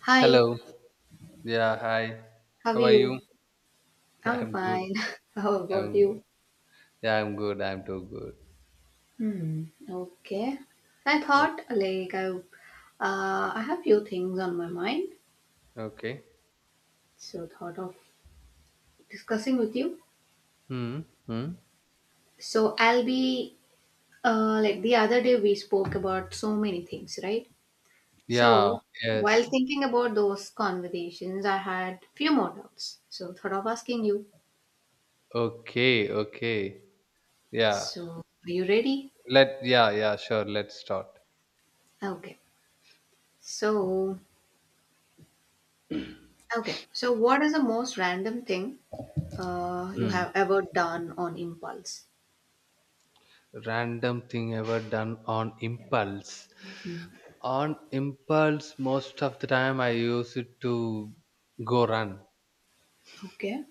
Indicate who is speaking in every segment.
Speaker 1: Hi,
Speaker 2: Hello. Yeah, hi.
Speaker 1: how are
Speaker 2: How are
Speaker 1: you?
Speaker 2: you? Yeah,
Speaker 1: I'm
Speaker 2: I'm good.
Speaker 1: fine. How about
Speaker 2: I'm
Speaker 1: you?
Speaker 2: yeah, I'm good. I'm too good.
Speaker 1: Hmm. Okay. I thought
Speaker 2: Okay.
Speaker 1: like I have few things on my mind,
Speaker 2: Okay.
Speaker 1: so thought of discussing with you.
Speaker 2: Hmm. Hmm.
Speaker 1: So I'll be like the other day we spoke about so many things, right?
Speaker 2: Yeah.
Speaker 1: So while
Speaker 2: Yes.
Speaker 1: thinking about those conversations, I had few more doubts. So thought of asking you.
Speaker 2: Okay. Okay. Yeah.
Speaker 1: So are you ready?
Speaker 2: Let. Yeah. Yeah. Sure. Let's start.
Speaker 1: Okay. So Okay, so what is the most random thing you
Speaker 2: Hmm.
Speaker 1: have ever done on impulse?
Speaker 2: Random thing ever done on impulse.
Speaker 1: Hmm.
Speaker 2: On impulse, most of the time I use it to go run.
Speaker 1: Okay,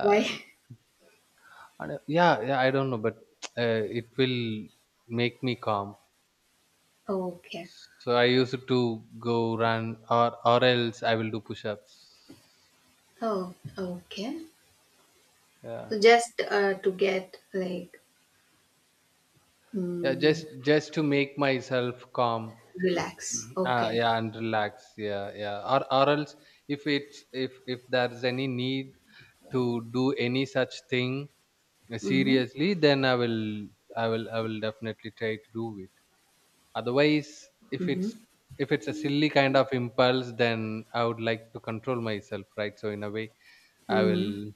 Speaker 1: why?
Speaker 2: and, yeah. Yeah. I don't know, but it will make me calm.
Speaker 1: Okay,
Speaker 2: So I used to go run, or else I will do push-ups.
Speaker 1: oh, okay.
Speaker 2: Yeah,
Speaker 1: So just to get like
Speaker 2: yeah, just
Speaker 1: mm,
Speaker 2: just to make myself calm.
Speaker 1: relax. Okay.
Speaker 2: Yeah, and relax. Yeah, yeah. Or else, if there's any need to do any such thing,
Speaker 1: Mm-hmm.
Speaker 2: seriously, then I will definitely try to do it. Otherwise, if
Speaker 1: Mm-hmm.
Speaker 2: it's if it's a silly kind of impulse, then I would like to control myself, right? So in a way, I
Speaker 1: Mm-hmm.
Speaker 2: will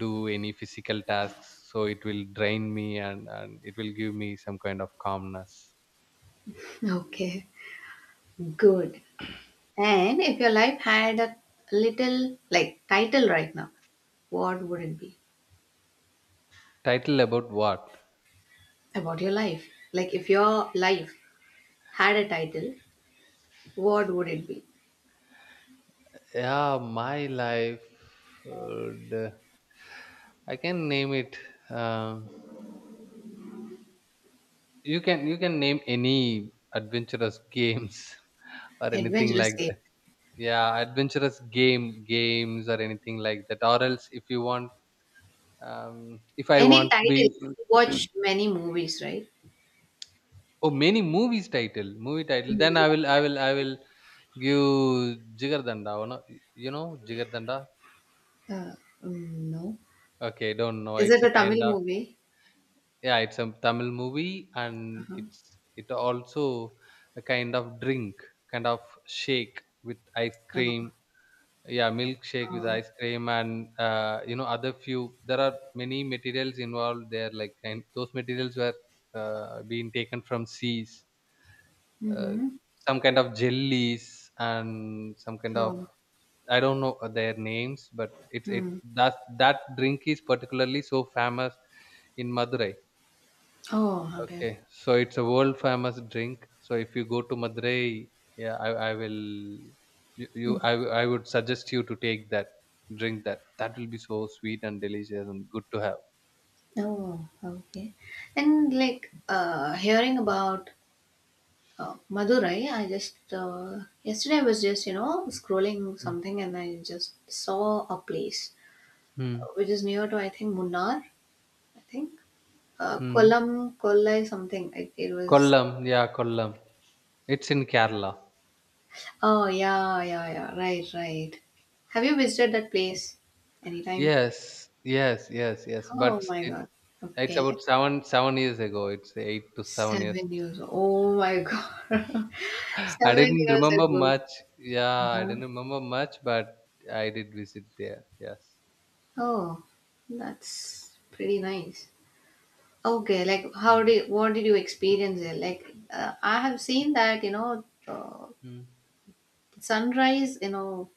Speaker 2: do any physical tasks, so it will drain me, and it will give me some kind of calmness.
Speaker 1: Okay, good. And if your life had a little like title right now, what would it be
Speaker 2: Title about what?
Speaker 1: about your life? Like if your life had a title, what would it be?
Speaker 2: Yeah, my life would, I can name it, um, you can name any adventurous games. Or anything
Speaker 1: Adventurous
Speaker 2: like
Speaker 1: game.
Speaker 2: that. Yeah, adventurous games or anything like that, or else if you want, if I
Speaker 1: Any
Speaker 2: want
Speaker 1: title?
Speaker 2: to be —
Speaker 1: You watch many movies, right?
Speaker 2: Oh, many movies title, movie title. Then
Speaker 1: Mm.
Speaker 2: I will give Jigardanda. You know Jigardanda.
Speaker 1: Uh, no.
Speaker 2: Okay, don't know.
Speaker 1: Is
Speaker 2: It's
Speaker 1: it
Speaker 2: a
Speaker 1: a
Speaker 2: kind
Speaker 1: Tamil
Speaker 2: of —
Speaker 1: movie?
Speaker 2: yeah, it's a Tamil movie, and
Speaker 1: Uh-huh.
Speaker 2: it also a kind of drink, kind of shake with ice
Speaker 1: No.
Speaker 2: cream. Yeah, milkshake with
Speaker 1: Oh.
Speaker 2: ice cream, and you know, other few. There are many materials involved there, like, and those materials were being taken from seas, uh,
Speaker 1: Mm-hmm.
Speaker 2: some kind of jellies and some kind of —
Speaker 1: Oh.
Speaker 2: I don't know their names, but it's it
Speaker 1: Hmm.
Speaker 2: that drink is particularly so famous in Madurai.
Speaker 1: Oh, okay.
Speaker 2: Okay, so it's a world famous drink. So if you go to Madurai, yeah, I will
Speaker 1: Hmm.
Speaker 2: I would suggest you to take that drink, that will be so sweet and delicious and good to have.
Speaker 1: Oh, okay. And like hearing about Madurai, I just yesterday I was just scrolling
Speaker 2: Mm.
Speaker 1: something and I just saw a place
Speaker 2: Mm.
Speaker 1: which is near to I think Munnar, I think.
Speaker 2: Mm.
Speaker 1: Kollam, Kollai, something. It was.
Speaker 2: Kollam, yeah, Kollam. It's in Kerala.
Speaker 1: Oh yeah, yeah, yeah. Right, right. Have you visited that place anytime?
Speaker 2: Yes, yes, yes, yes.
Speaker 1: Oh
Speaker 2: But
Speaker 1: my
Speaker 2: it
Speaker 1: god.
Speaker 2: it's
Speaker 1: Okay.
Speaker 2: about seven seven years ago. It's 8 to 7 years.
Speaker 1: 7 years. Oh my god.
Speaker 2: I
Speaker 1: Seven
Speaker 2: didn't
Speaker 1: years
Speaker 2: remember
Speaker 1: ago.
Speaker 2: much. Yeah, I didn't
Speaker 1: Huh.
Speaker 2: remember much, but I did visit there. Yes.
Speaker 1: Oh, that's pretty nice. Okay, like how
Speaker 2: Mm.
Speaker 1: did what did you experience there? Like I have seen that
Speaker 2: Mm.
Speaker 1: sunrise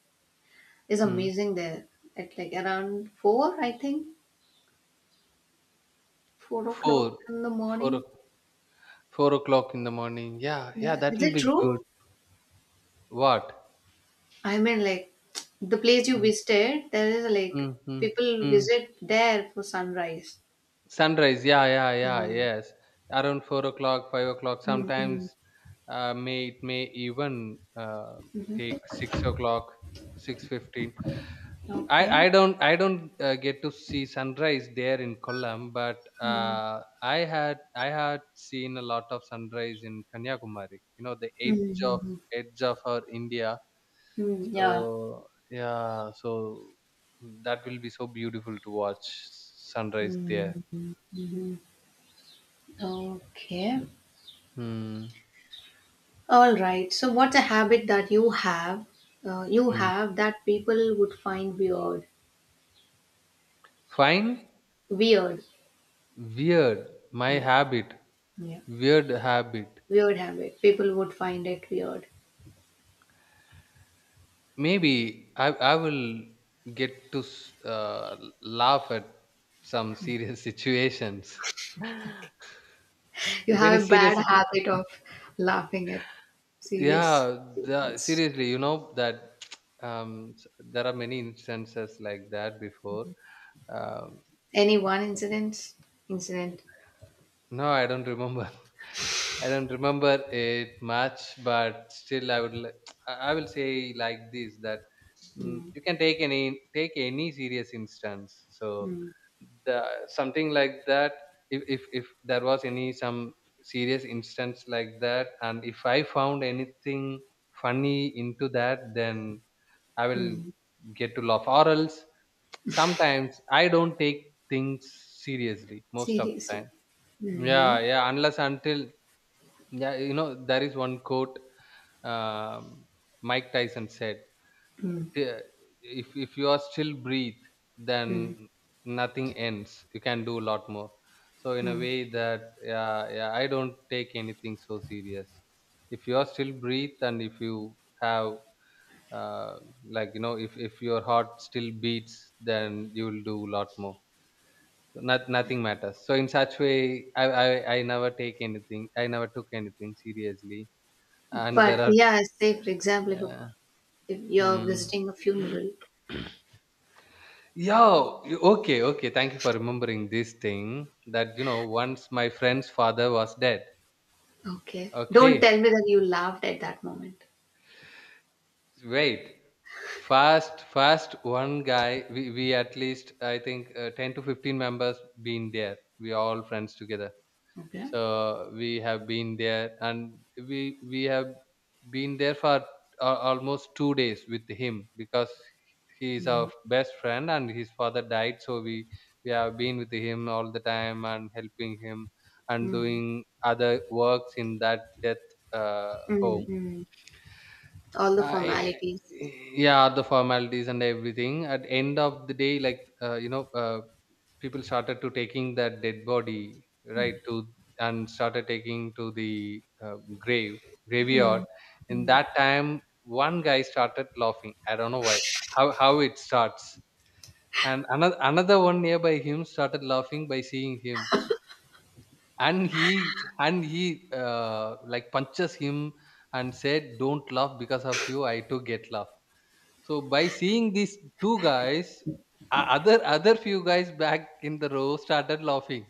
Speaker 1: is
Speaker 2: Mm.
Speaker 1: amazing there at like around four, I think 4 o'clock
Speaker 2: Four,
Speaker 1: in the
Speaker 2: four,
Speaker 1: morning.
Speaker 2: o- 4 o'clock in the morning. Yeah, yeah,
Speaker 1: Yeah,
Speaker 2: that
Speaker 1: is
Speaker 2: will
Speaker 1: it
Speaker 2: be good.
Speaker 1: true?
Speaker 2: What?
Speaker 1: I mean, like the place you
Speaker 2: Mm.
Speaker 1: visited, there is like
Speaker 2: Mm.
Speaker 1: people
Speaker 2: Mm.
Speaker 1: visit there for sunrise.
Speaker 2: Sunrise, yeah, yeah, yeah,
Speaker 1: Um,
Speaker 2: yes. Around 4 o'clock, 5 o'clock.
Speaker 1: mm, mm,
Speaker 2: Sometimes, may even,
Speaker 1: mhm.
Speaker 2: take 6 o'clock, 6:15. I
Speaker 1: Okay.
Speaker 2: I don't I don't get to see sunrise there in Kollam, but
Speaker 1: Mm,
Speaker 2: I had seen a lot of sunrise in Kanyakumari. You know, the
Speaker 1: mm,
Speaker 2: edge
Speaker 1: hmm.
Speaker 2: of
Speaker 1: Mm,
Speaker 2: edge of our India.
Speaker 1: mm, yeah.
Speaker 2: So yeah, so that will be so beautiful to watch sunrise there.
Speaker 1: Mm, hmm. Hmm. Okay.
Speaker 2: Hmm.
Speaker 1: All right. So, what's a habit that you have? You
Speaker 2: Hmm.
Speaker 1: have that people would find weird.
Speaker 2: Fine.
Speaker 1: Weird.
Speaker 2: Weird. My
Speaker 1: Yeah.
Speaker 2: habit.
Speaker 1: Yeah.
Speaker 2: Weird habit.
Speaker 1: Weird habit. People would find it weird.
Speaker 2: Maybe I will get to laugh at some serious situations.
Speaker 1: You
Speaker 2: If any
Speaker 1: have a
Speaker 2: serious,
Speaker 1: bad
Speaker 2: situ- —
Speaker 1: habit of laughing at serious
Speaker 2: yeah,
Speaker 1: situations.
Speaker 2: seriously, you know that, there are many instances like that before. Um
Speaker 1: Any one incident? Incident.
Speaker 2: No, I don't remember. I don't remember it much, but still, I would. I will say like this, that,
Speaker 1: Hmm,
Speaker 2: you can take any serious instance. So
Speaker 1: hmm,
Speaker 2: the something like that. If there was any some serious instance like that, and if I found anything funny into that, then I will
Speaker 1: hmm.
Speaker 2: get to laugh. Or else, sometimes I don't take things seriously most of the
Speaker 1: Seriously.
Speaker 2: time. Yeah, yeah. Unless until, yeah, you know, there is one quote, um, Mike Tyson said:
Speaker 1: Hmm,
Speaker 2: "T- "If you are still breathe,
Speaker 1: hmm,
Speaker 2: then nothing ends. You can do a lot more." So in a
Speaker 1: hmm.
Speaker 2: way that, yeah, yeah, I don't take anything so serious. If you are still breathe and if you have, uh, like, you know, if your heart still beats, then you will do a lot more. So not — nothing matters. So in such way, I never took anything seriously, and there
Speaker 1: But
Speaker 2: are —
Speaker 1: yeah, say for example, if,
Speaker 2: yeah.
Speaker 1: if you're
Speaker 2: Hmm.
Speaker 1: visiting a funeral,
Speaker 2: Yeah, okay, okay. Thank you for remembering this thing that, you know, once my friend's father was dead.
Speaker 1: okay, don't
Speaker 2: Okay,
Speaker 1: tell me that you laughed at that moment.
Speaker 2: wait. We at least, I think, 10 to 15 members been there. We all friends together.
Speaker 1: Okay.
Speaker 2: So we have been there, and we have been there for almost 2 days with him, because he is our
Speaker 1: Mm,
Speaker 2: best friend and his father died. So we have been with him all the time and helping him and
Speaker 1: mm,
Speaker 2: doing other works in that death, uh,
Speaker 1: mm,
Speaker 2: home.
Speaker 1: mm. All the
Speaker 2: uh, eh,
Speaker 1: formalities.
Speaker 2: eh, yeah, the formalities and everything. At end of the day, like, you know, people started to taking that dead body right to — and started taking to the, grave graveyard. In
Speaker 1: Mm.
Speaker 2: that time, one guy started laughing. I don't know why, how it starts. And another one nearby him started laughing by seeing him. And he and he, like, punches him and said, "Don't laugh. Because of you, I too get laugh." So by seeing these two guys, other few guys back in the row started laughing.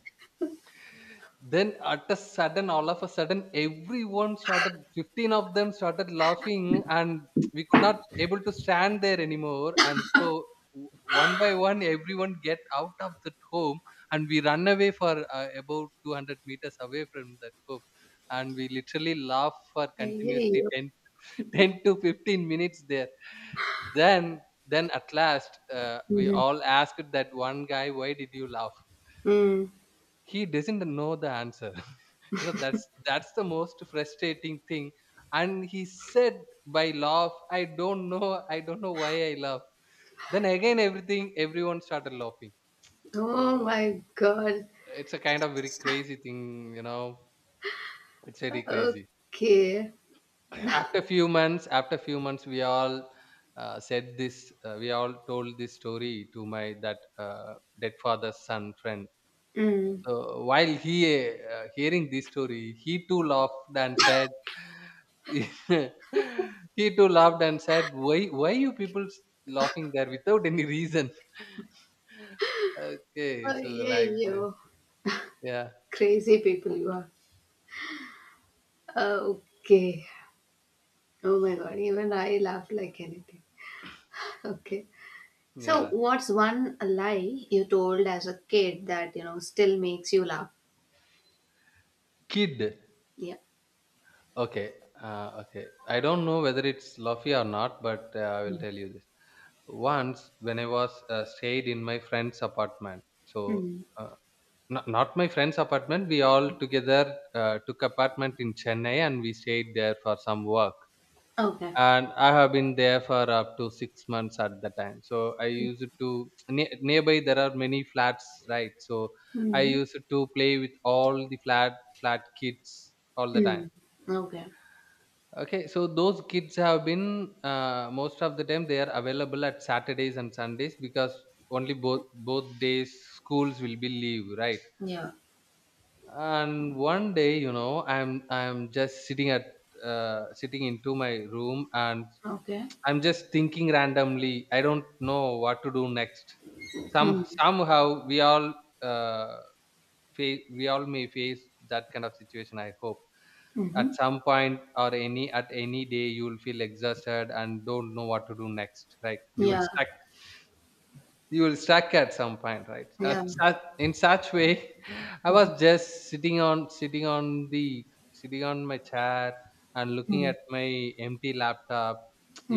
Speaker 2: Then, all of a sudden, everyone started. 15 of them started laughing, and we could not able to stand there anymore. And so, one by one, everyone get out of that home, and we run away for, about 200 meters away from that home, and we literally laugh for
Speaker 1: I hear
Speaker 2: continuously
Speaker 1: you.
Speaker 2: ten 10 to 15 minutes there. Then then at last, we
Speaker 1: Mhm.
Speaker 2: all asked that one guy, "Why did you laugh?"
Speaker 1: Mm.
Speaker 2: He doesn't know the answer. You know, that's the most frustrating thing. And he said, "By laugh, i don't know I don't know why I laugh." Then again, everything everyone started laughing. So
Speaker 1: Oh my God.
Speaker 2: it's a kind of very crazy thing, you know, it's very crazy.
Speaker 1: Okay.
Speaker 2: After few months, we all said this we all told this story to my, that, dead father's son friend.
Speaker 1: Mm.
Speaker 2: So while he, hearing this story, he too laughed and said — he too laughed and said Why you people laughing there without any reason?" Okay,
Speaker 1: Oh,
Speaker 2: so
Speaker 1: yeah,
Speaker 2: like this.
Speaker 1: you
Speaker 2: Yeah.
Speaker 1: crazy people you are. Oh, okay. Oh my god, even I laugh like anything. Okay. So,
Speaker 2: Yeah.
Speaker 1: what's one lie you told as a kid that still makes you laugh?
Speaker 2: Kid.
Speaker 1: Yeah.
Speaker 2: Okay, okay. I don't know whether it's Luffy or not, but I will tell you this. Once, when I was stayed in my friend's apartment, so,
Speaker 1: Mm.
Speaker 2: uh, not my friend's apartment, we all together took apartment in Chennai and we stayed there for some work.
Speaker 1: Okay.
Speaker 2: And I have been there for up to 6 months at the time. So I used to nearby there are many flats, right? So I
Speaker 1: Mm.
Speaker 2: used to play with all the flat kids all the time.
Speaker 1: Mm. Okay.
Speaker 2: Okay, so those kids have been, most of the time they are available at Saturdays and Sundays, because only both days schools will be leave, right?
Speaker 1: Yeah.
Speaker 2: And one day, you know, I'm just sitting into my room, and
Speaker 1: Okay.
Speaker 2: I'm just thinking randomly. I don't know what to do next. Some
Speaker 1: Mm.
Speaker 2: somehow we all uh, face we all may face that kind of situation. I hope at
Speaker 1: Mm-hmm.
Speaker 2: some point or any at any day you will feel exhausted and don't know what to do next, right? you will
Speaker 1: Yeah.
Speaker 2: stuck you will stuck at some point, right?
Speaker 1: Yeah.
Speaker 2: In such way, I was
Speaker 1: Mm-hmm.
Speaker 2: just sitting on my chair and looking
Speaker 1: Mm.
Speaker 2: at my empty laptop.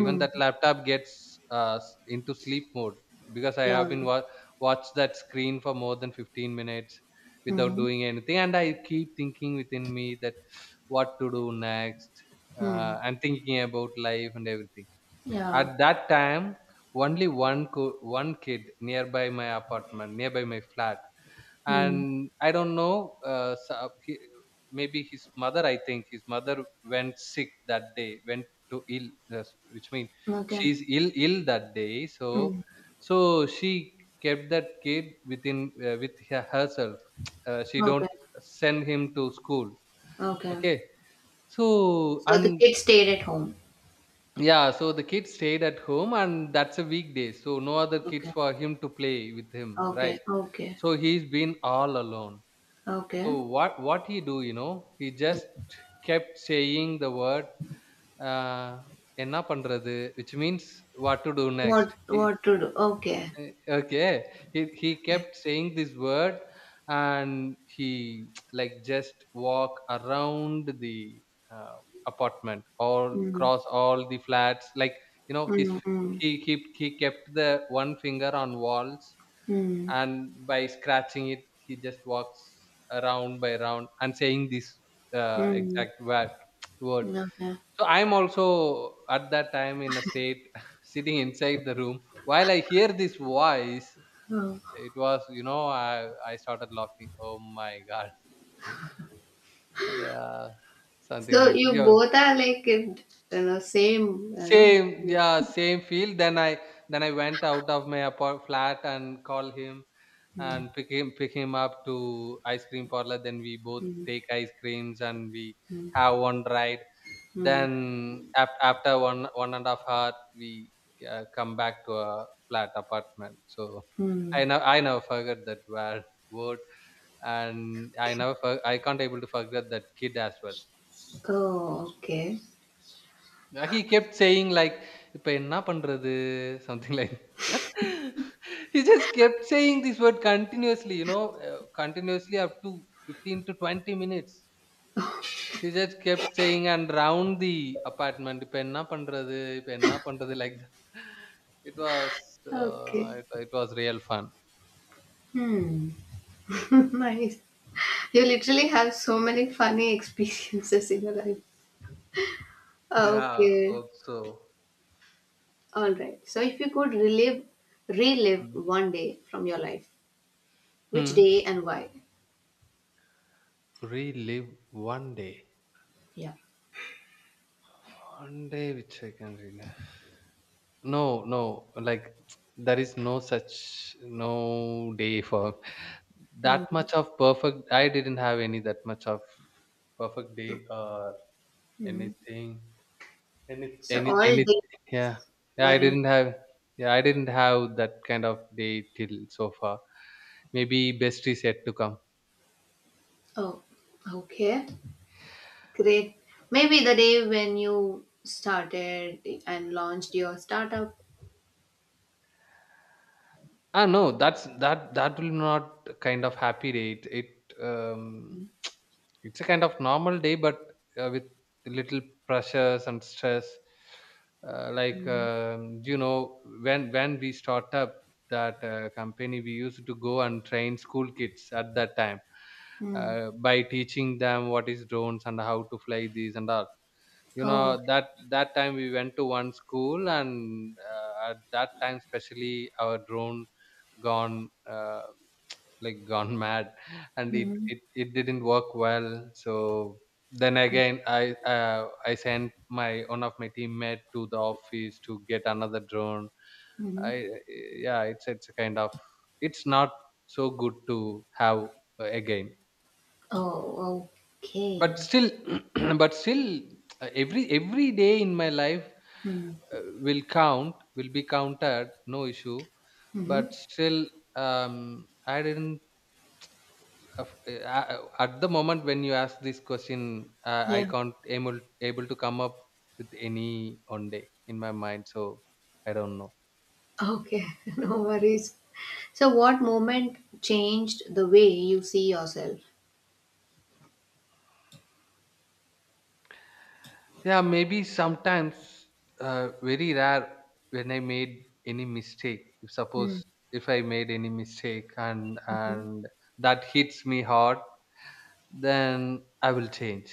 Speaker 2: Even that laptop gets, into sleep mode, because I
Speaker 1: Yeah.
Speaker 2: have been watched that screen for more than 15 minutes without
Speaker 1: Mm-hmm.
Speaker 2: doing anything, and I keep thinking within me that, what to do next.
Speaker 1: Mm.
Speaker 2: And thinking about life and everything,
Speaker 1: Yeah.
Speaker 2: at that time, only one kid nearby my apartment, nearby my flat,
Speaker 1: Mm.
Speaker 2: and I don't know. So he — maybe his mother. I think his mother went sick that day. Went to ill, yes, which means
Speaker 1: Okay.
Speaker 2: she's ill that day. So
Speaker 1: Mm.
Speaker 2: so she kept that kid within, with herself. She don't
Speaker 1: Okay.
Speaker 2: send him to school.
Speaker 1: Okay.
Speaker 2: Okay, so
Speaker 1: So the
Speaker 2: and
Speaker 1: kid stayed at home.
Speaker 2: yeah, so the kid stayed at home, and that's a weekday, so no other kids
Speaker 1: Okay.
Speaker 2: for him to play with him, right?
Speaker 1: Okay. Okay.
Speaker 2: So he's been all alone.
Speaker 1: Okay.
Speaker 2: So what he do, you know? He just kept saying the word, uh, "enna pandrathu," which means what to do
Speaker 1: What
Speaker 2: next.
Speaker 1: what to do? Okay.
Speaker 2: Eh, okay, he
Speaker 1: Yeah.
Speaker 2: kept saying this word, and he like just walk around the uh, apartment, all
Speaker 1: Mm.
Speaker 2: cross all the flats, like you know his
Speaker 1: Mm. Mm.
Speaker 2: he kept the one finger on walls,
Speaker 1: Mm.
Speaker 2: and by scratching it he just walks around by round and saying this exact word word
Speaker 1: Mm. Okay.
Speaker 2: so I'm also at that time in a state sitting inside the room. While I hear this voice,
Speaker 1: Oh.
Speaker 2: it was, I started laughing. Oh my god! Yeah, something
Speaker 1: So
Speaker 2: like that.
Speaker 1: you
Speaker 2: Yeah,
Speaker 1: both are like in you know same you know.
Speaker 2: same,
Speaker 1: both.
Speaker 2: yeah, same feel. Then I went out of my apart flat and called him, and
Speaker 1: Mm.
Speaker 2: pick him up to ice cream parlor. Then we both
Speaker 1: Mm.
Speaker 2: take ice creams and we
Speaker 1: Mm.
Speaker 2: have one ride.
Speaker 1: Mm.
Speaker 2: Then after 1.5 hour, we come back to a flat apartment. So I
Speaker 1: Mm.
Speaker 2: know I never forgot that word, and I can't able to forget that kid as well.
Speaker 1: Oh, okay.
Speaker 2: He kept saying like, "இப்ப என்ன பண்றது?" Something like he just kept saying this word continuously up to 15 to 20 minutes. He just kept saying and round the apartment, இப்ப என்ன பண்றது? இப்ப என்ன பண்றது? Like that. It was, uh,
Speaker 1: Okay.
Speaker 2: it, it was real fun.
Speaker 1: Hmm. Nice. You literally have so many funny experiences in your life.
Speaker 2: Yeah,
Speaker 1: Okay.
Speaker 2: hope so.
Speaker 1: All right. So if you could relive,
Speaker 2: Hmm.
Speaker 1: one day from your life, which
Speaker 2: Hmm.
Speaker 1: day and why?
Speaker 2: Relive one day.
Speaker 1: Yeah.
Speaker 2: One day which I can relive. No, no, like there is no such no day for that
Speaker 1: Mhm.
Speaker 2: much of perfect. I didn't have any that much of perfect day or
Speaker 1: Mhm.
Speaker 2: anything.
Speaker 1: So
Speaker 2: Any,
Speaker 1: all
Speaker 2: any.
Speaker 1: days
Speaker 2: Yeah, yeah.
Speaker 1: were
Speaker 2: I
Speaker 1: im-
Speaker 2: didn't have. Yeah, I didn't have that kind of day till so far. Maybe best is yet to come.
Speaker 1: oh, okay, great. Maybe the day when you started and launched your startup.
Speaker 2: Ah, no, that will not kind of happy day. It It's a kind of normal day, but with little pressures and stress. Like,
Speaker 1: Mhm.
Speaker 2: when we start up that company, we used to go and train school kids at that time,
Speaker 1: Mm.
Speaker 2: by teaching them what is drones and how to fly these and all. You
Speaker 1: Oh,
Speaker 2: know, that time we went to one school, and at that time especially our drone gone like gone mad, and it,
Speaker 1: mhm.
Speaker 2: it it didn't work well. So then again I sent my one of my teammate to the office to get another drone.
Speaker 1: Mhm.
Speaker 2: I Yeah, it's a kind of, it's not so good to have, again.
Speaker 1: Oh,
Speaker 2: But
Speaker 1: okay.
Speaker 2: still but still, every day in my life
Speaker 1: Mm.
Speaker 2: will be counted, no issue.
Speaker 1: Hmm.
Speaker 2: But still, um I didn't uh, at the moment when you ask this question, I
Speaker 1: Yeah.
Speaker 2: can't able to come up with any on day in my mind, so I don't know.
Speaker 1: Okay. No worries. So, what moment changed the way you see yourself?
Speaker 2: Yeah, maybe sometimes, very rare, when I made any mistake. If
Speaker 1: Mm.
Speaker 2: suppose, if I made any mistake, and
Speaker 1: Mhm.
Speaker 2: and that hits me hard, then I will change.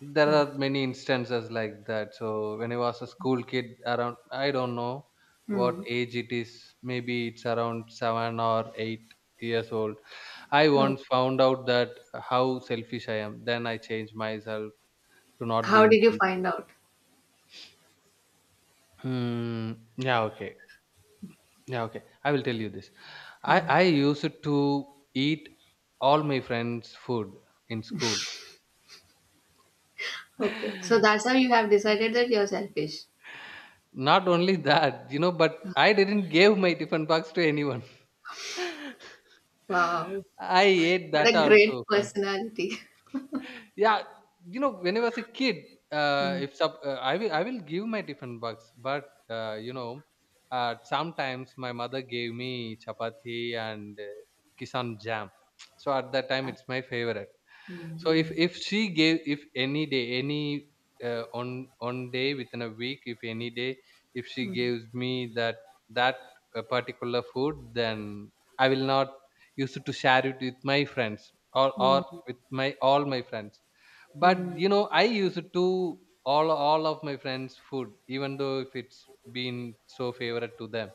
Speaker 2: There
Speaker 1: Oh,
Speaker 2: are many instances like that. So when I was a school kid, around I don't know what
Speaker 1: mm.
Speaker 2: age it is. Maybe it's around 7 or 8 years old. I
Speaker 1: Oh.
Speaker 2: once found out that how selfish I am. Then I changed myself to not
Speaker 1: How
Speaker 2: being.
Speaker 1: did you find out?
Speaker 2: Hmm. Yeah. Okay. Yeah. Okay. I will tell you this. I
Speaker 1: Hmm.
Speaker 2: I used to eat all my friends' food in school.
Speaker 1: Okay, so that's how you have decided that you're selfish.
Speaker 2: Not only that, but I didn't give my tiffin box to anyone.
Speaker 1: Wow,
Speaker 2: I ate
Speaker 1: what
Speaker 2: that
Speaker 1: a great
Speaker 2: also.
Speaker 1: personality.
Speaker 2: Yeah, when I was a kid,
Speaker 1: Hmm.
Speaker 2: if I will give my different bugs, but sometimes my mother gave me chapati and Kisan jam. So at that time
Speaker 1: Yeah.
Speaker 2: it's my favorite. So if
Speaker 1: Hmm.
Speaker 2: if she gave, if any day, any on day within a week, if any day if she
Speaker 1: Hmm.
Speaker 2: gives me that that particular food, then I will not use it to share it with my friends, or
Speaker 1: Mm. Hmm.
Speaker 2: with my all my friends.
Speaker 1: Hmm.
Speaker 2: But, I used to all of my friends' food, even though if it's been so favorite to them.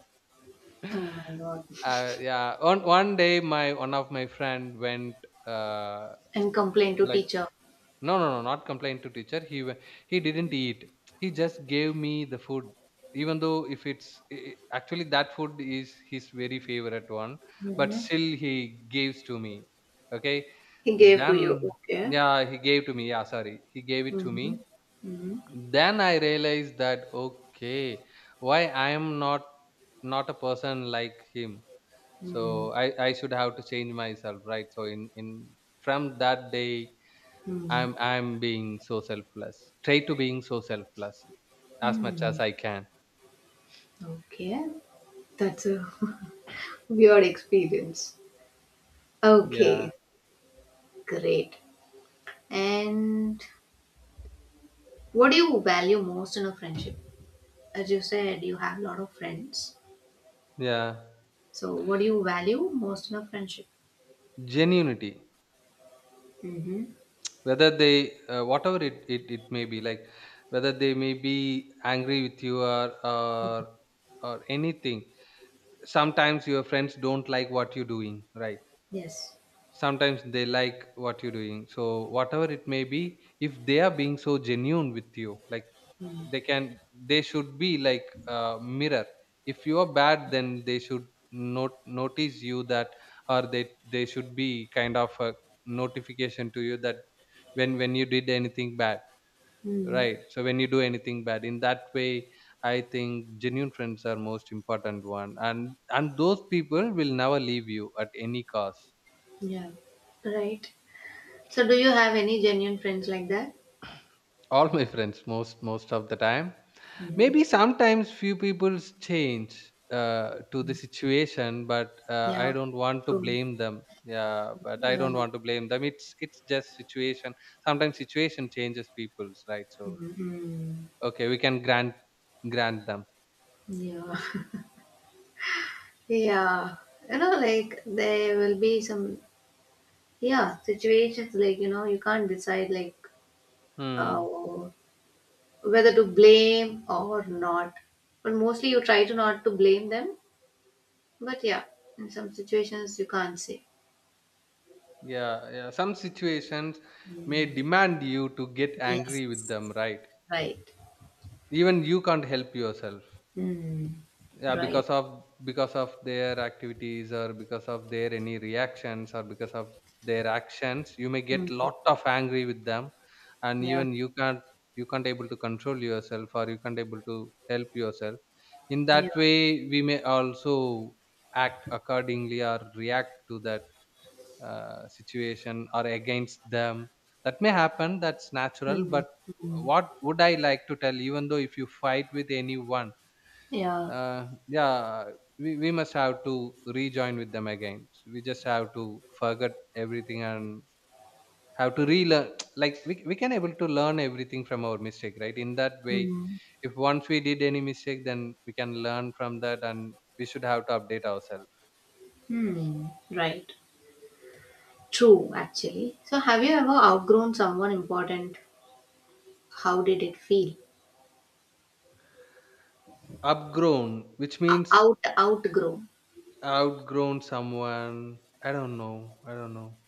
Speaker 1: Oh my god.
Speaker 2: Yeah. On one day, my one of my friend went, uh,
Speaker 1: And complain to
Speaker 2: like,
Speaker 1: teacher.
Speaker 2: no, no, no, not complained to teacher. He didn't eat. He just gave me the food, even though if it's actually that food is his very favorite one, but
Speaker 1: Mhm.
Speaker 2: still he gives to me. Okay.
Speaker 1: He gave to you.
Speaker 2: Then
Speaker 1: Okay.
Speaker 2: yeah, he gave to me. Yeah, sorry, he gave it to me.
Speaker 1: Mhm. Mhm.
Speaker 2: Then I realized that okay, why I am not a person like him. So
Speaker 1: Hmm.
Speaker 2: I, I should have to change myself, right? So in from that day
Speaker 1: Hmm.
Speaker 2: I'm being so selfless. Try to being so selfless as much as
Speaker 1: Hmm.
Speaker 2: I can.
Speaker 1: Okay. That's a weird experience.
Speaker 2: Yeah.
Speaker 1: Okay. Great. And what do you value most in a friendship? As you said, you have a lot of friends.
Speaker 2: Yeah.
Speaker 1: So, what do you value most in a friendship?
Speaker 2: Genuinity.
Speaker 1: Mm-hmm.
Speaker 2: Whether they whatever it may be, like, whether they may be angry with you, or anything. Sometimes your friends don't like what you're doing, right?
Speaker 1: Yes.
Speaker 2: Sometimes they like what you're doing, so whatever it may be, if they are being so genuine with you, like,
Speaker 1: Mm.
Speaker 2: they can they should be like a mirror. If you are bad, then they should not notice you that, or they should be kind of a notification to you, that when you did anything bad,
Speaker 1: Mm.
Speaker 2: right? So when you do anything bad, in that way I think genuine friends are most important one, and those people will never leave you at any cost.
Speaker 1: Yeah. Right. So, do you have any genuine friends like that?
Speaker 2: All my friends, most of the time,
Speaker 1: Mm-hmm.
Speaker 2: maybe sometimes few people change to the situation, but I
Speaker 1: Yeah.
Speaker 2: don't want to
Speaker 1: True.
Speaker 2: blame them. Yeah, but I
Speaker 1: Yeah.
Speaker 2: don't want to blame them, it's just situation. Sometimes situation changes people's, right? So
Speaker 1: Mm-hmm.
Speaker 2: okay, we can grant them.
Speaker 1: Yeah. Yeah. You know, like there will be some, yeah, situations like you can't decide like uh,
Speaker 2: hmm
Speaker 1: whether to blame or not. But mostly you try to not to blame them. But yeah, in some situations you can't say.
Speaker 2: Yeah, yeah. Some situations may
Speaker 1: Mm.
Speaker 2: demand you to get
Speaker 1: Yes,
Speaker 2: angry with them, right?
Speaker 1: right.
Speaker 2: Even you can't help yourself.
Speaker 1: Mm.
Speaker 2: Yeah,
Speaker 1: Right.
Speaker 2: because of their activities, or because of their any reactions, or because of their actions, you may get
Speaker 1: Mm.
Speaker 2: lot of angry with them, and
Speaker 1: Yeah,
Speaker 2: even you can't able to control yourself, or you can't able to help yourself. In
Speaker 1: yeah,
Speaker 2: that way, we may also act accordingly, or react to that situation or against them. That may happen, that's natural,
Speaker 1: mm.
Speaker 2: but
Speaker 1: Mm.
Speaker 2: what would I like to tell, even though if you fight with anyone,
Speaker 1: Yeah,
Speaker 2: yeah, we must have to rejoin with them again, we just have to forget everything, and have to relearn. Like, we can able to learn everything from our mistake, right? In that way,
Speaker 1: mm.
Speaker 2: if once we did any mistake, then we can learn from that and we should have to update ourselves.
Speaker 1: Hmm. Right. True, actually. So, have you ever outgrown someone important? How did it feel?
Speaker 2: Upgrown, which
Speaker 1: O-
Speaker 2: means?
Speaker 1: Out, outgrown.
Speaker 2: Outgrown someone. I don't know. I don't know.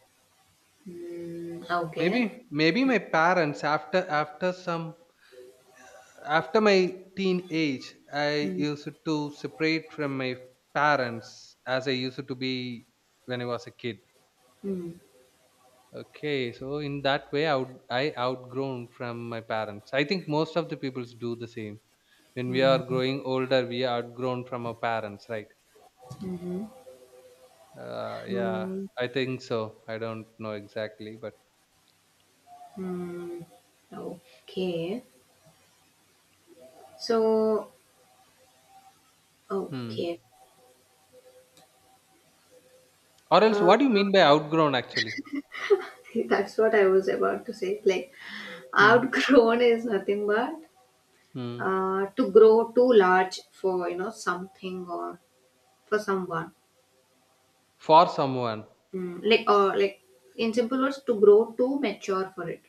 Speaker 1: Mm, okay.
Speaker 2: Maybe my parents, after my teen age I
Speaker 1: Mm.
Speaker 2: used to separate from my parents, as I used to be when I was a kid.
Speaker 1: Mm.
Speaker 2: Okay, so in that way I outgrown from my parents. I think most of the peoples do the same. When we are
Speaker 1: Mm.
Speaker 2: growing older, we are outgrown from our parents, right?
Speaker 1: Mhm.
Speaker 2: Yeah,
Speaker 1: Mm.
Speaker 2: I think so. I don't know exactly, but
Speaker 1: Hmm. Okay. So,
Speaker 2: hmm.
Speaker 1: okay.
Speaker 2: Or else,
Speaker 1: Uh,
Speaker 2: what do you mean by outgrown actually?
Speaker 1: that's what I was about to say. Like,
Speaker 2: Hmm.
Speaker 1: outgrown is nothing but
Speaker 2: Hmm.
Speaker 1: to grow too large for something or for someone.
Speaker 2: For someone,
Speaker 1: Mm, like, or like, in simple words, to grow too mature for it.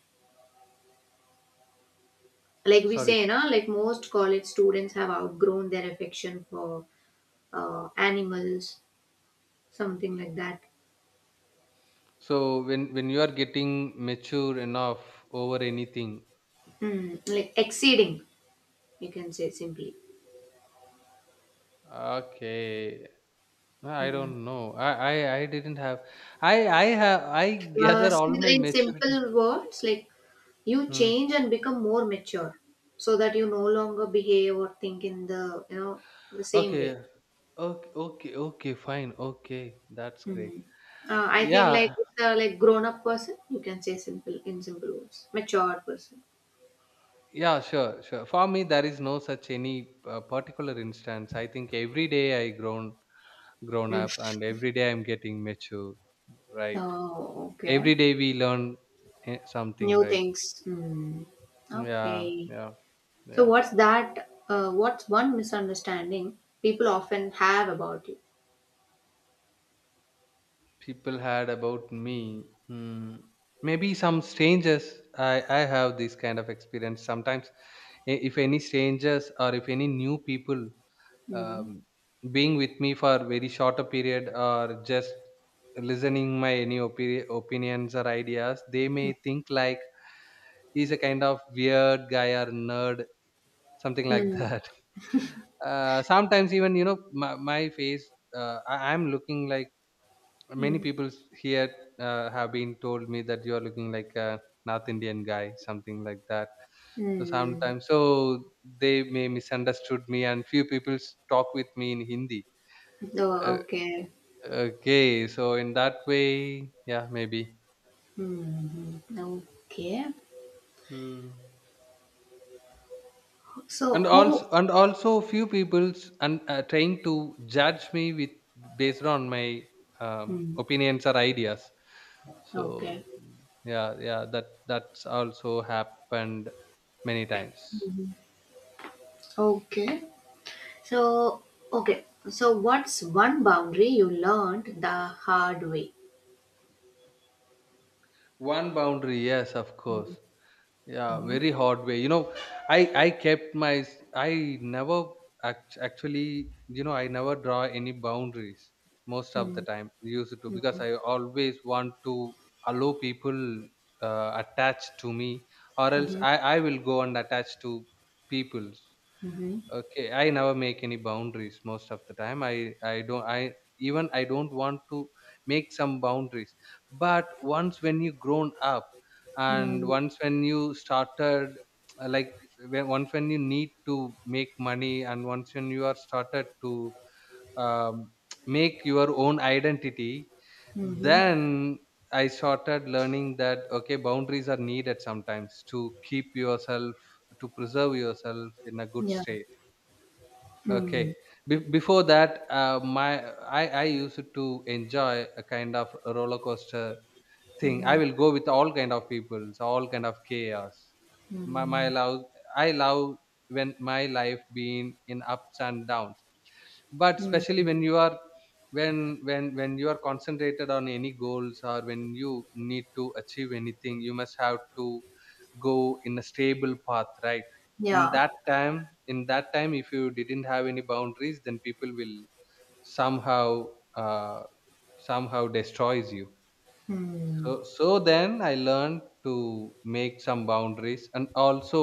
Speaker 1: Like we
Speaker 2: sorry.
Speaker 1: say, like most college students have outgrown their affection for animals, something like that.
Speaker 2: So when you are getting mature enough over anything,
Speaker 1: Mm, like exceeding, you can say simply.
Speaker 2: okay. No, I
Speaker 1: Hmm.
Speaker 2: don't know. I didn't have. I have. I gather all my
Speaker 1: In
Speaker 2: maturity.
Speaker 1: simple words, like you
Speaker 2: Hmm.
Speaker 1: change and become more mature, so that you no longer behave or think in the you know the same
Speaker 2: Okay.
Speaker 1: way.
Speaker 2: Okay. Okay. Okay. Fine. Okay. That's great.
Speaker 1: Hmm. I think like
Speaker 2: Yeah.
Speaker 1: it's a like grown up person, you can say simple in simple words, mature person.
Speaker 2: Yeah. Sure. Sure. For me, there is no such any particular instance. I think every day I grown
Speaker 1: Mm.
Speaker 2: up, and every day I'm getting mature, right?
Speaker 1: Oh, okay.
Speaker 2: Every day we learn something,
Speaker 1: New
Speaker 2: right?
Speaker 1: things. Hmm.
Speaker 2: Yeah,
Speaker 1: Okay.
Speaker 2: yeah.
Speaker 1: So
Speaker 2: Yeah,
Speaker 1: what's that? What's one misunderstanding people often have about you?
Speaker 2: people had about me, hmm, maybe some strangers. I have this kind of experience sometimes. If any strangers or if any new people um,
Speaker 1: Hmm.
Speaker 2: being with me for very short a period, or just listening my any opinions or ideas, they may think like he's a kind of weird guy or nerd, something like that. Sometimes, even my face, am looking like. Many
Speaker 1: Mm.
Speaker 2: people here have been told me that you are looking like a north Indian guy, something like that. So
Speaker 1: Hmm.
Speaker 2: sometimes, so they may misunderstood me, and few people talk with me in Hindi. uh,
Speaker 1: Oh, okay.
Speaker 2: okay, so in that way, yeah, maybe.
Speaker 1: Hmm, hmm. Okay.
Speaker 2: Hmm.
Speaker 1: So
Speaker 2: and
Speaker 1: who?
Speaker 2: also and also few people's, and trying to judge me with, based on my
Speaker 1: Hmm.
Speaker 2: opinions or ideas.
Speaker 1: Okay.
Speaker 2: So yeah, yeah, that's also happened many times.
Speaker 1: Okay. So, okay. So what's one boundary you learned the hard way?
Speaker 2: One boundary, yes of course, yeah,
Speaker 1: Mm-hmm.
Speaker 2: very hard way. I kept my, I never, actually, I never draw any boundaries, most of the
Speaker 1: Mm-hmm.
Speaker 2: time used to, because I always want to allow people attached to me, or else
Speaker 1: Mm-hmm.
Speaker 2: I will go and attach to people.
Speaker 1: Mm-hmm.
Speaker 2: Okay, I never make any boundaries most of the time. I don't I even I don't want to make some boundaries. But once when you grown up, and
Speaker 1: Mm-hmm.
Speaker 2: once when you started like, once when you need to make money, and once when you are started to um, make your own identity,
Speaker 1: Mm-hmm.
Speaker 2: then I started learning that okay, boundaries are needed sometimes to keep yourself, to preserve yourself in a good
Speaker 1: Yeah.
Speaker 2: state. Okay.
Speaker 1: Mm-hmm.
Speaker 2: Before that, my I used to enjoy a kind of a roller coaster thing. I
Speaker 1: Mm-hmm.
Speaker 2: will go with all kind of people, so all kind of chaos. My
Speaker 1: Mm-hmm.
Speaker 2: love, I love when my life being in ups and downs. But especially when you are, when you are concentrated on any goals, or when you need to achieve anything, you must have to go in a stable path, right? in
Speaker 1: Yeah.
Speaker 2: that time in that time if you didn't have any boundaries, then people will somehow, uh, somehow destroys you. so
Speaker 1: Mm-hmm.
Speaker 2: so then I learned to make some boundaries. And also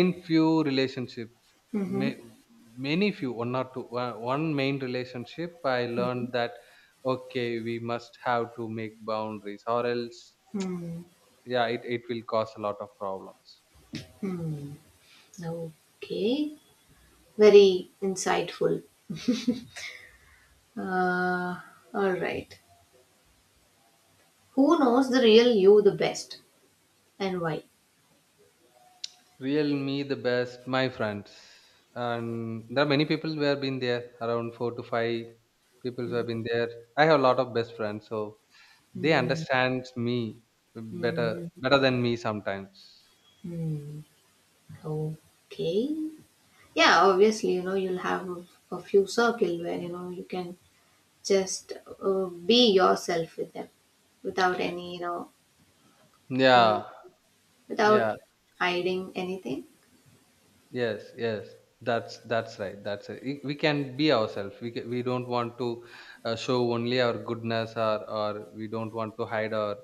Speaker 2: in few relationships,
Speaker 1: Mm-hmm.
Speaker 2: may, many few one main relationship, I learned that okay, we must have to make boundaries, or else, yeah, it will cause a lot of problems.
Speaker 1: Mm-hmm. Okay. Very insightful. Uh, all right. Who knows the real you the best and why?
Speaker 2: Real me the best, my friends. And there are many people who have been there, around four to five people who have been there. I have a lot of best friends, so they
Speaker 1: Hmm.
Speaker 2: understand me better
Speaker 1: Hmm.
Speaker 2: better than me sometimes.
Speaker 1: Hmm. Okay. Yeah, obviously, you'll have a few circle where, you can just be yourself with them without any, you know, mm,
Speaker 2: Yeah,
Speaker 1: without
Speaker 2: yeah.
Speaker 1: hiding anything.
Speaker 2: Yes, yes. That's right, that's it. We can be ourselves, we don't want to show only our goodness, or we don't want to hide our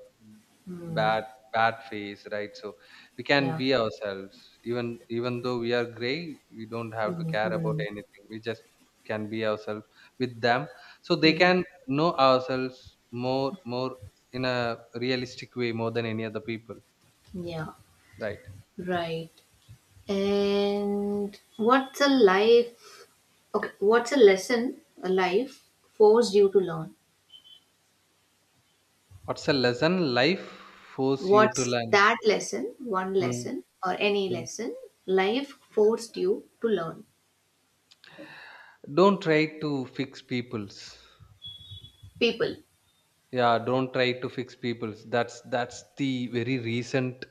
Speaker 1: Hmm.
Speaker 2: bad bad face, right? So we can
Speaker 1: Yeah.
Speaker 2: be ourselves, even though we are gray, we don't have to care about
Speaker 1: Mm-hmm.
Speaker 2: anything, we just can be ourselves with them, so they can know ourselves more, in a realistic way, more than any other people,
Speaker 1: Yeah.
Speaker 2: right?
Speaker 1: Right. And what's a life? Okay, what's a lesson a life forced you to learn?
Speaker 2: What's a lesson life force you to
Speaker 1: What's
Speaker 2: learn?
Speaker 1: that lesson? One
Speaker 2: Mm,
Speaker 1: lesson or any
Speaker 2: mm.
Speaker 1: lesson life forced you to learn?
Speaker 2: Don't try to fix people's.
Speaker 1: People.
Speaker 2: Yeah, don't try to fix people's. That's the very recent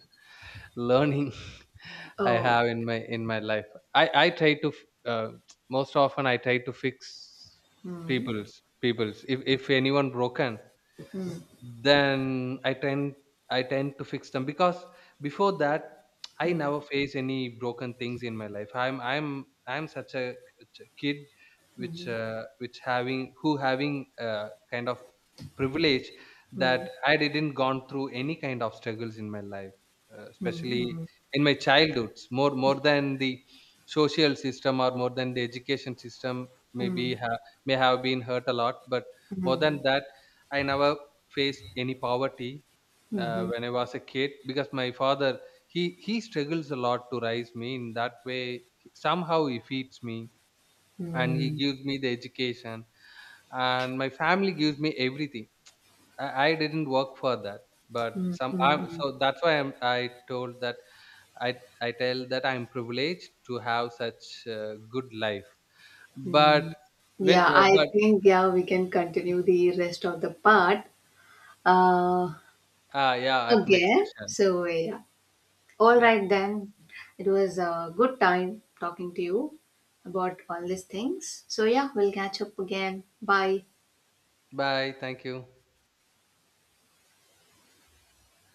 Speaker 2: learning I
Speaker 1: Oh.
Speaker 2: have in my life. I try to f- Most often I try to fix
Speaker 1: Hmm.
Speaker 2: people's. If anyone broken, then I tend to fix them, because before that I
Speaker 1: Hmm.
Speaker 2: never face any broken things in my life. I'm such a kid,
Speaker 1: Hmm.
Speaker 2: which having, who having a kind of privilege
Speaker 1: Hmm.
Speaker 2: that I didn't gone through any kind of struggles in my life, especially
Speaker 1: Hmm.
Speaker 2: in my childhoods, more than the social system, or more than the education system,
Speaker 1: Hmm.
Speaker 2: maybe
Speaker 1: Hmm.
Speaker 2: may have been hurt a lot, but more
Speaker 1: Hmm.
Speaker 2: than that I never face any poverty,
Speaker 1: Hmm.
Speaker 2: when I was a kid, because my father, he struggles a lot to raise me in that way, somehow he feeds me, and he
Speaker 1: Hmm.
Speaker 2: gives me the education, and my family gives me everything. I didn't work for that, but
Speaker 1: Hmm.
Speaker 2: so that's why I told that, I tell that I'm privileged to have such good life, but
Speaker 1: Hmm.
Speaker 2: when
Speaker 1: Yeah, I
Speaker 2: but
Speaker 1: think yeah we can continue the rest of the part uh,
Speaker 2: yeah, at next
Speaker 1: again.
Speaker 2: session.
Speaker 1: So yeah. All
Speaker 2: Yeah,
Speaker 1: right, then. It was a good time talking to you about all these things. So, yeah, we'll catch up again. Bye.
Speaker 2: bye, thank you.